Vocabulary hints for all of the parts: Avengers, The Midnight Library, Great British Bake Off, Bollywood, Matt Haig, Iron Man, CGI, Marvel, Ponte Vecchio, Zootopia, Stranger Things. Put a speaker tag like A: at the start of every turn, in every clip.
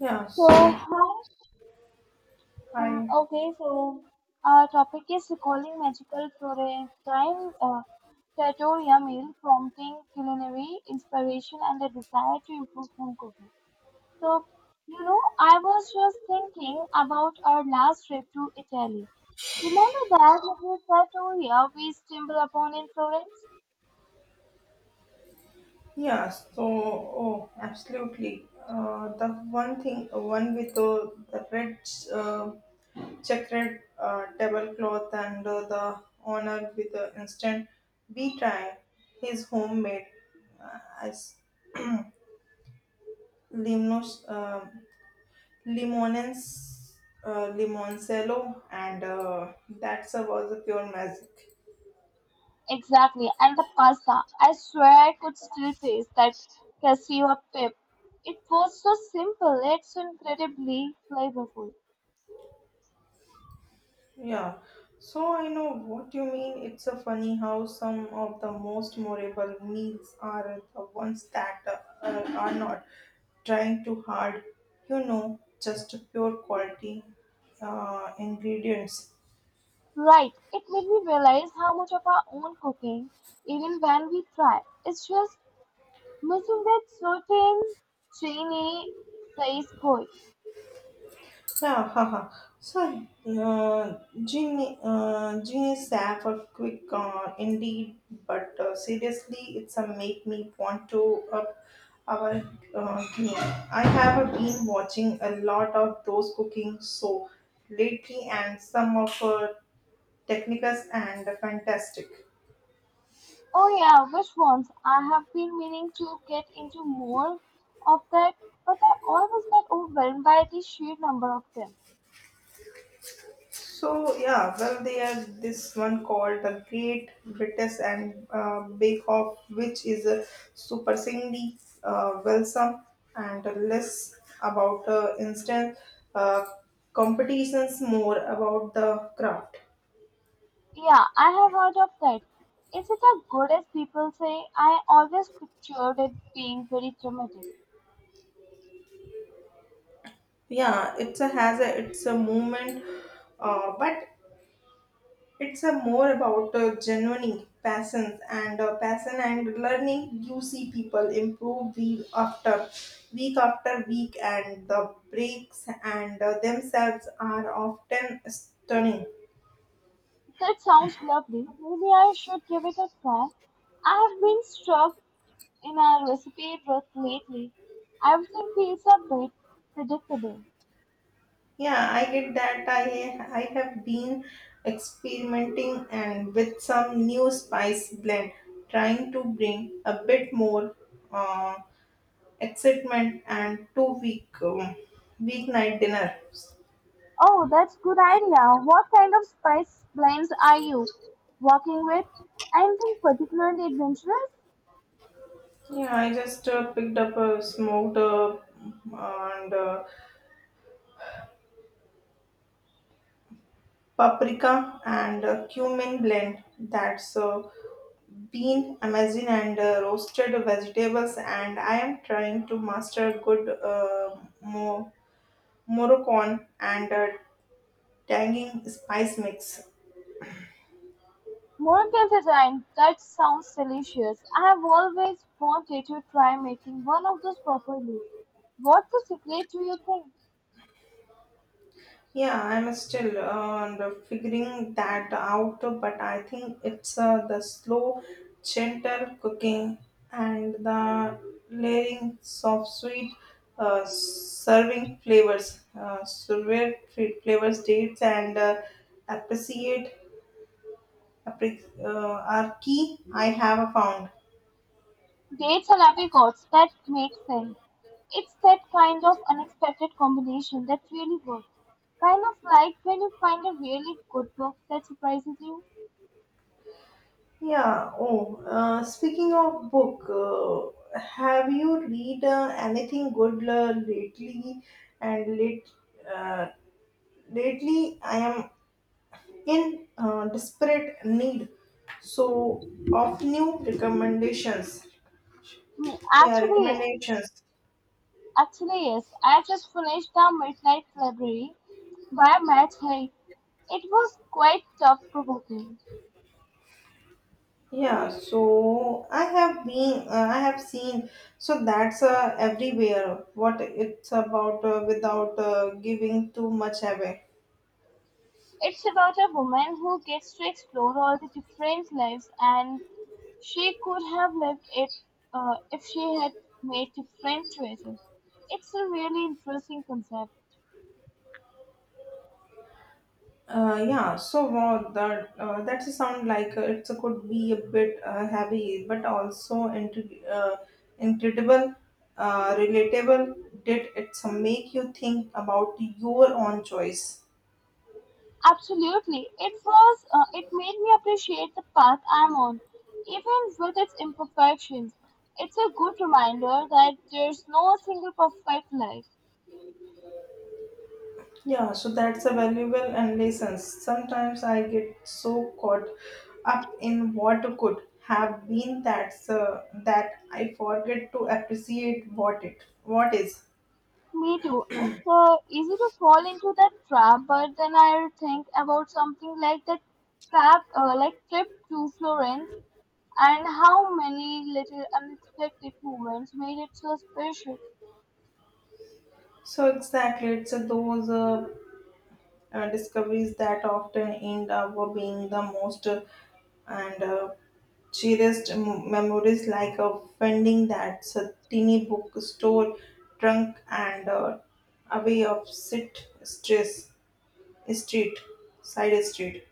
A: Yeah,
B: So,
A: so
B: hi.
A: I
B: Okay, so, our topic is recalling magical Florentine trattoria meal, prompting culinary inspiration and a desire to improve home cooking. So, you know, I was just thinking about our last trip to Italy. Remember that little trattoria we stumbled upon in Florence?
A: yeah, so oh, absolutely. The one thing, one with the red uh, checkered tablecloth and the honor with the instant bee try his homemade as limos limonens limoncello and that was a pure magic.
B: Exactly, and the pasta. I swear I could still taste that cashew pip. It was so simple, it's incredibly flavorful.
A: Yeah, I know what you mean. It's a funny how some of the most memorable meals are the ones that are not trying too hard, just pure quality ingredients.
B: Right, it made me realize how much of our own cooking, even when we try, it's just missing that certain Chinese says koi.
A: Yeah, haha. So, uh, Genie Staff for quick indeed, but seriously, it's a make me want to up our game. I have been watching a lot of those cooking so lately, and some of technicals and fantastic.
B: Oh yeah, which ones? I have been meaning to get into more of that, but I always get overwhelmed by the sheer number of them.
A: Well they had this one called the Great British and Bake Off, which is a surprisingly wholesome and less about instant uh, competitions, more about the craft.
B: Yeah, I have heard of that. Is it as good as people say? I always pictured it being very dramatic.
A: Yeah, it's a movement, but it's a more about genuine passion and passion and learning. You see people improve week after week after week, and the breaks and themselves are often stunning.
B: That sounds lovely. Maybe I should give it a try. I have been stuck in a recipe rut lately. Everything feels a bit predictable.
A: Yeah, I get that. I have been experimenting and with some new spice blend, trying to bring a bit more uh, excitement and to weeknight dinners.
B: Oh, that's good idea. What kind of spice blends are you working with? Anything particularly adventurous?
A: Yeah, I just picked up a smoked and paprika and cumin blend that's bean, amazon, and roasted vegetables. And I am trying to master good mo- Moroccan and tangy spice mix.
B: Morgan resigned. That sounds delicious. I have always wanted to try making one of those properly. What's the secret do you think?
A: Yeah, I'm still figuring that out, but I think it's the slow, gentle cooking and the layering of sweet serving flavors, flavors, dates, and appreciate are key. I have found.
B: Dates and apricots. That makes sense. It's that kind of unexpected combination that really works. Kind of like when you find a really good book that surprises you.
A: Yeah. Oh, speaking of book, have you read anything good lately? And late, uh, lately, I am in desperate need. So of new recommendations.
B: Mm,
A: Yeah,
B: Actually,
A: recommendations.
B: actually yes. I just finished The Midnight Library by Matt Haig. It was quite thought provoking.
A: Yeah. So I have been, I have seen. So that's everywhere. What it's about without giving too much away.
B: It's about a woman who gets to explore all the different lives, and she could have lived it if she had made different choices. It's a really interesting concept.
A: Yeah, wow, that sound like it could be a bit heavy, but also incredible, relatable. Did it make you think about your own choice?
B: Absolutely, it was. It made me appreciate the path I'm on, even with its imperfections. It's a good reminder that there's no single perfect life.
A: Yeah, that's a valuable and lessons. Sometimes I get so caught up in what could have been that I forget to appreciate what is.
B: Me too. It's easy to fall into that trap, but then I think about something like that like trip to Florence, and how many little unexpected moments made it so special.
A: So exactly, it's those discoveries that often end up being the most and cherished memories, like finding that teeny bookstore trunk and away of sit stress street side street.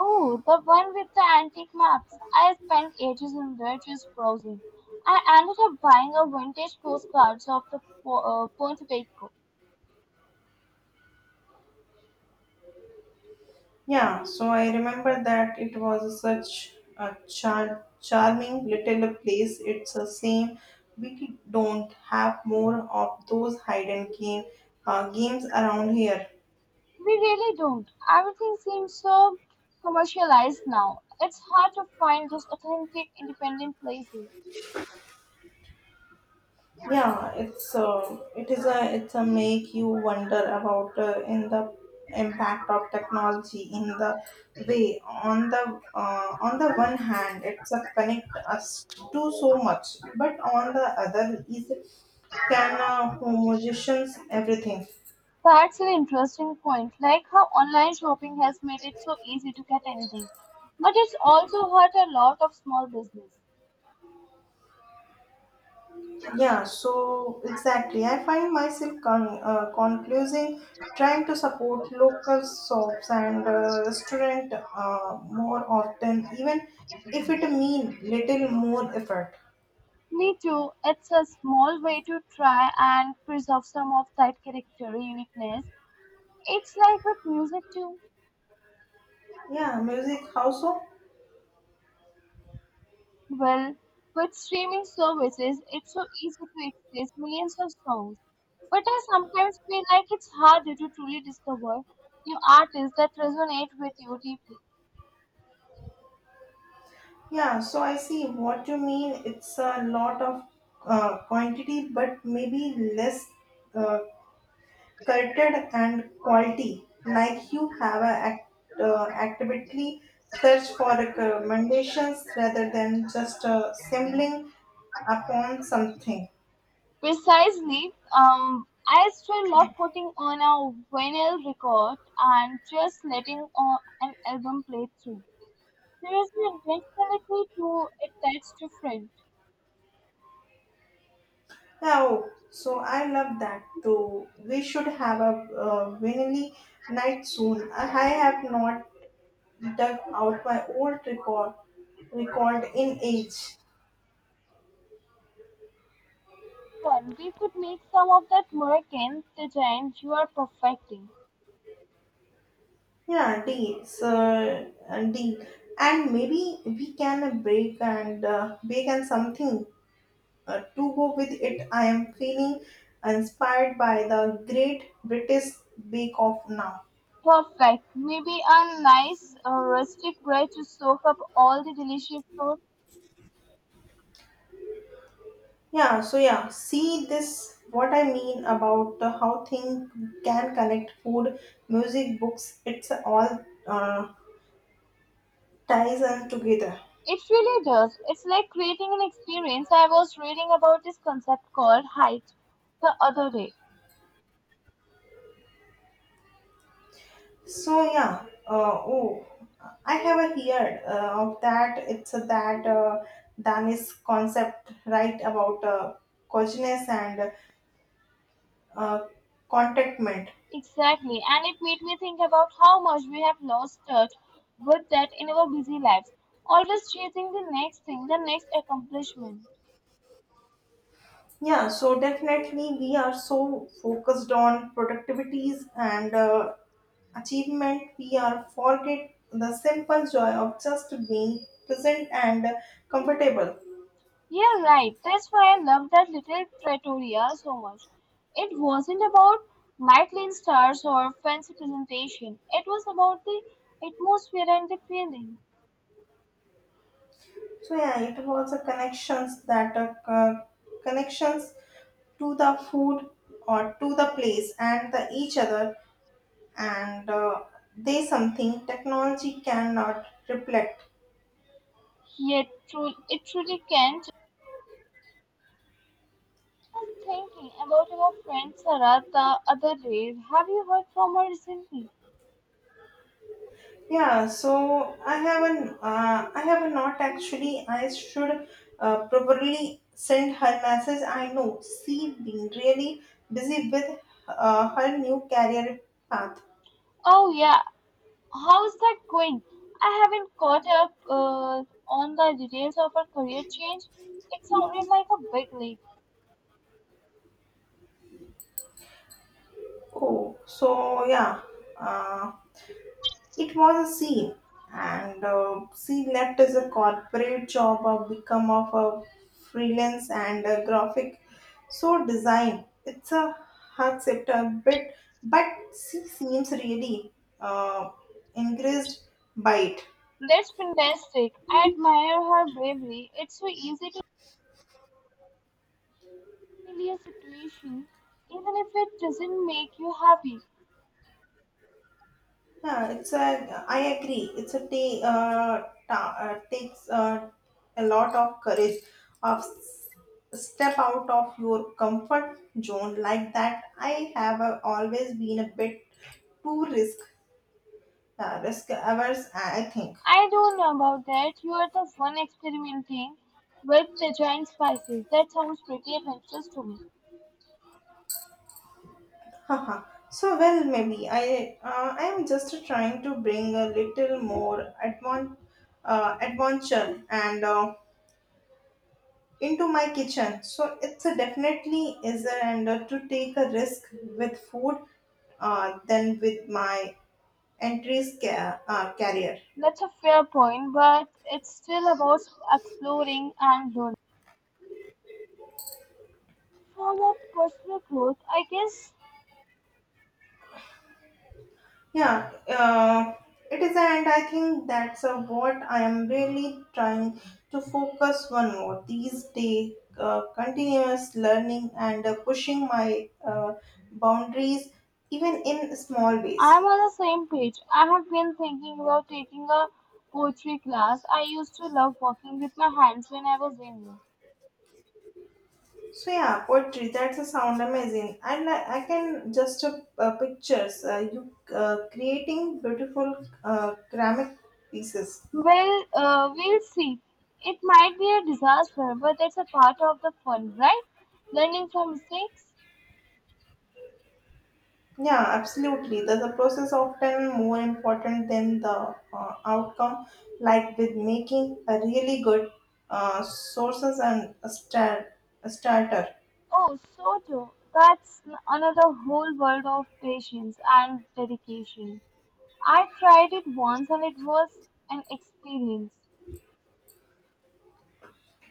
B: Oh, the one with the antique maps. I spent ages in there just browsing. I ended up buying a vintage postcards of the Ponte Vecchio.
A: Yeah, I remember that it was such a charming little place. It's the same. We don't have more of those hide and game games around here.
B: We really don't. Everything seems so commercialized now. It's hard to find those authentic, independent places.
A: It is a it's a make you wonder about in the impact of technology in the way, on the one hand it's a connect us to so much, but on the other is can homogenization everything.
B: That's an interesting point, like how online shopping has made it so easy to get anything. But it's also hurt a lot of small business.
A: Yeah, exactly. I find myself conclusing trying to support local shops and restaurant more often, even if it mean little more effort.
B: Me too. It's a small way to try and preserve some of that character uniqueness. It's like with music too.
A: Yeah, music how so?
B: Well, with streaming services, it's so easy to access millions of songs. But I sometimes feel like it's harder to truly discover new artists that resonate with you deeply.
A: Yeah, I see what you mean. It's a lot of quantity, but maybe less uh, cultured and quality. Like you have a actively search for recommendations rather than just assembling upon something.
B: Precisely. I still love putting on a vinyl record and just letting an album play through. There is an intentionality to it that's different.
A: Oh, so I love that too. We should have a vanilla night soon. I have not dug out my old record in age.
B: Fun. We could make some of that work in the giant you are perfecting.
A: Yeah, deal. Deal. And maybe we can break and bake and something to go with it. I am feeling inspired by the Great British Bake Off now.
B: Perfect. Maybe a nice rustic bread to soak up all the delicious sauce.
A: Yeah, see this what I mean about the how things can connect food, music, books, it's all ties them together.
B: It really does. It's like creating an experience. I was reading about this concept called height the other day.
A: Oh, I have a heard of that. It's a, that Danish concept, right, about coziness and uh, contentment.
B: Exactly. And it made me think about how much we have lost touch with that in our busy lives. Always chasing the next thing, the next accomplishment.
A: Yeah, definitely. We are so focused on productivities and achievement, we are forget the simple joy of just being present and comfortable.
B: Yeah, right. That's why I love that little trattoria so much. It wasn't about Michelin stars or fancy presentation. It was about the atmosphere and the feeling.
A: It was a connections, that connections to the food or to the place and the each other and they something technology cannot reflect.
B: Yet, true, it truly can't. I was thinking about our friend Sarah the other day. Have you heard from her recently?
A: Yeah, I have not actually. I should probably send her message. I know she been really busy with her new career path.
B: Oh yeah, how's that going? I haven't caught up on the details of her career change. It sounded like a big leap.
A: Oh, uh, it was a C, and she left as a corporate job, become of a freelance and a graphic. So design, it's a hard sector a bit, but she seems really uh, encouraged by it.
B: That's fantastic. I admire her bravery. It's so easy to handle a situation, even if it doesn't make you happy.
A: Yeah, it's a. I agree. It's a takes a lot of courage of step out of your comfort zone like that. I have always been a bit too risk averse. I think.
B: I don't know about that. You are the one experimenting with the giant spices. That sounds pretty adventurous to me.
A: Haha. So well, maybe I am just trying to bring a little more adventure and into my kitchen. So it's a definitely is a and to take a risk with food than with my career.
B: That's a fair point, but it's still about exploring and learning. For the personal growth, I guess
A: Yeah, it is, and I think that's what I am really trying to focus on more these days. Continuous learning and pushing my boundaries, even in small ways.
B: I'm on the same page. I have been thinking about taking a poetry class. I used to love working with my hands when I was younger.
A: Poetry. That's a sound amazing. And I like. I can just pictures. You creating beautiful ceramic pieces.
B: Well, we'll see. It might be a disaster, but that's a part of the fun, right? Learning from mistakes.
A: Yeah, absolutely. The process often more important than the outcome. Like with making a really good sources and a star a starter.
B: Oh, so true. That's another whole world of patience and dedication. I tried it once and it was an experience.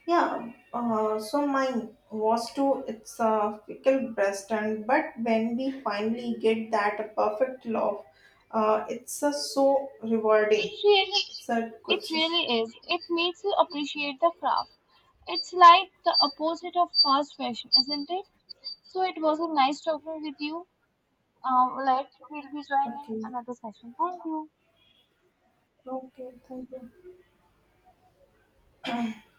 A: Yeah, mine was too. It's a fickle breast, and but when we finally get that perfect love, it's so rewarding.
B: It really,
A: It's a good.
B: it
A: Sis-
B: really is. It makes you appreciate the craft. It's like the opposite of fast fashion, isn't it? So it was a nice talking with you. Like we'll be joining
A: Okay,
B: another session. Thank you.
A: okay, thank you. Um,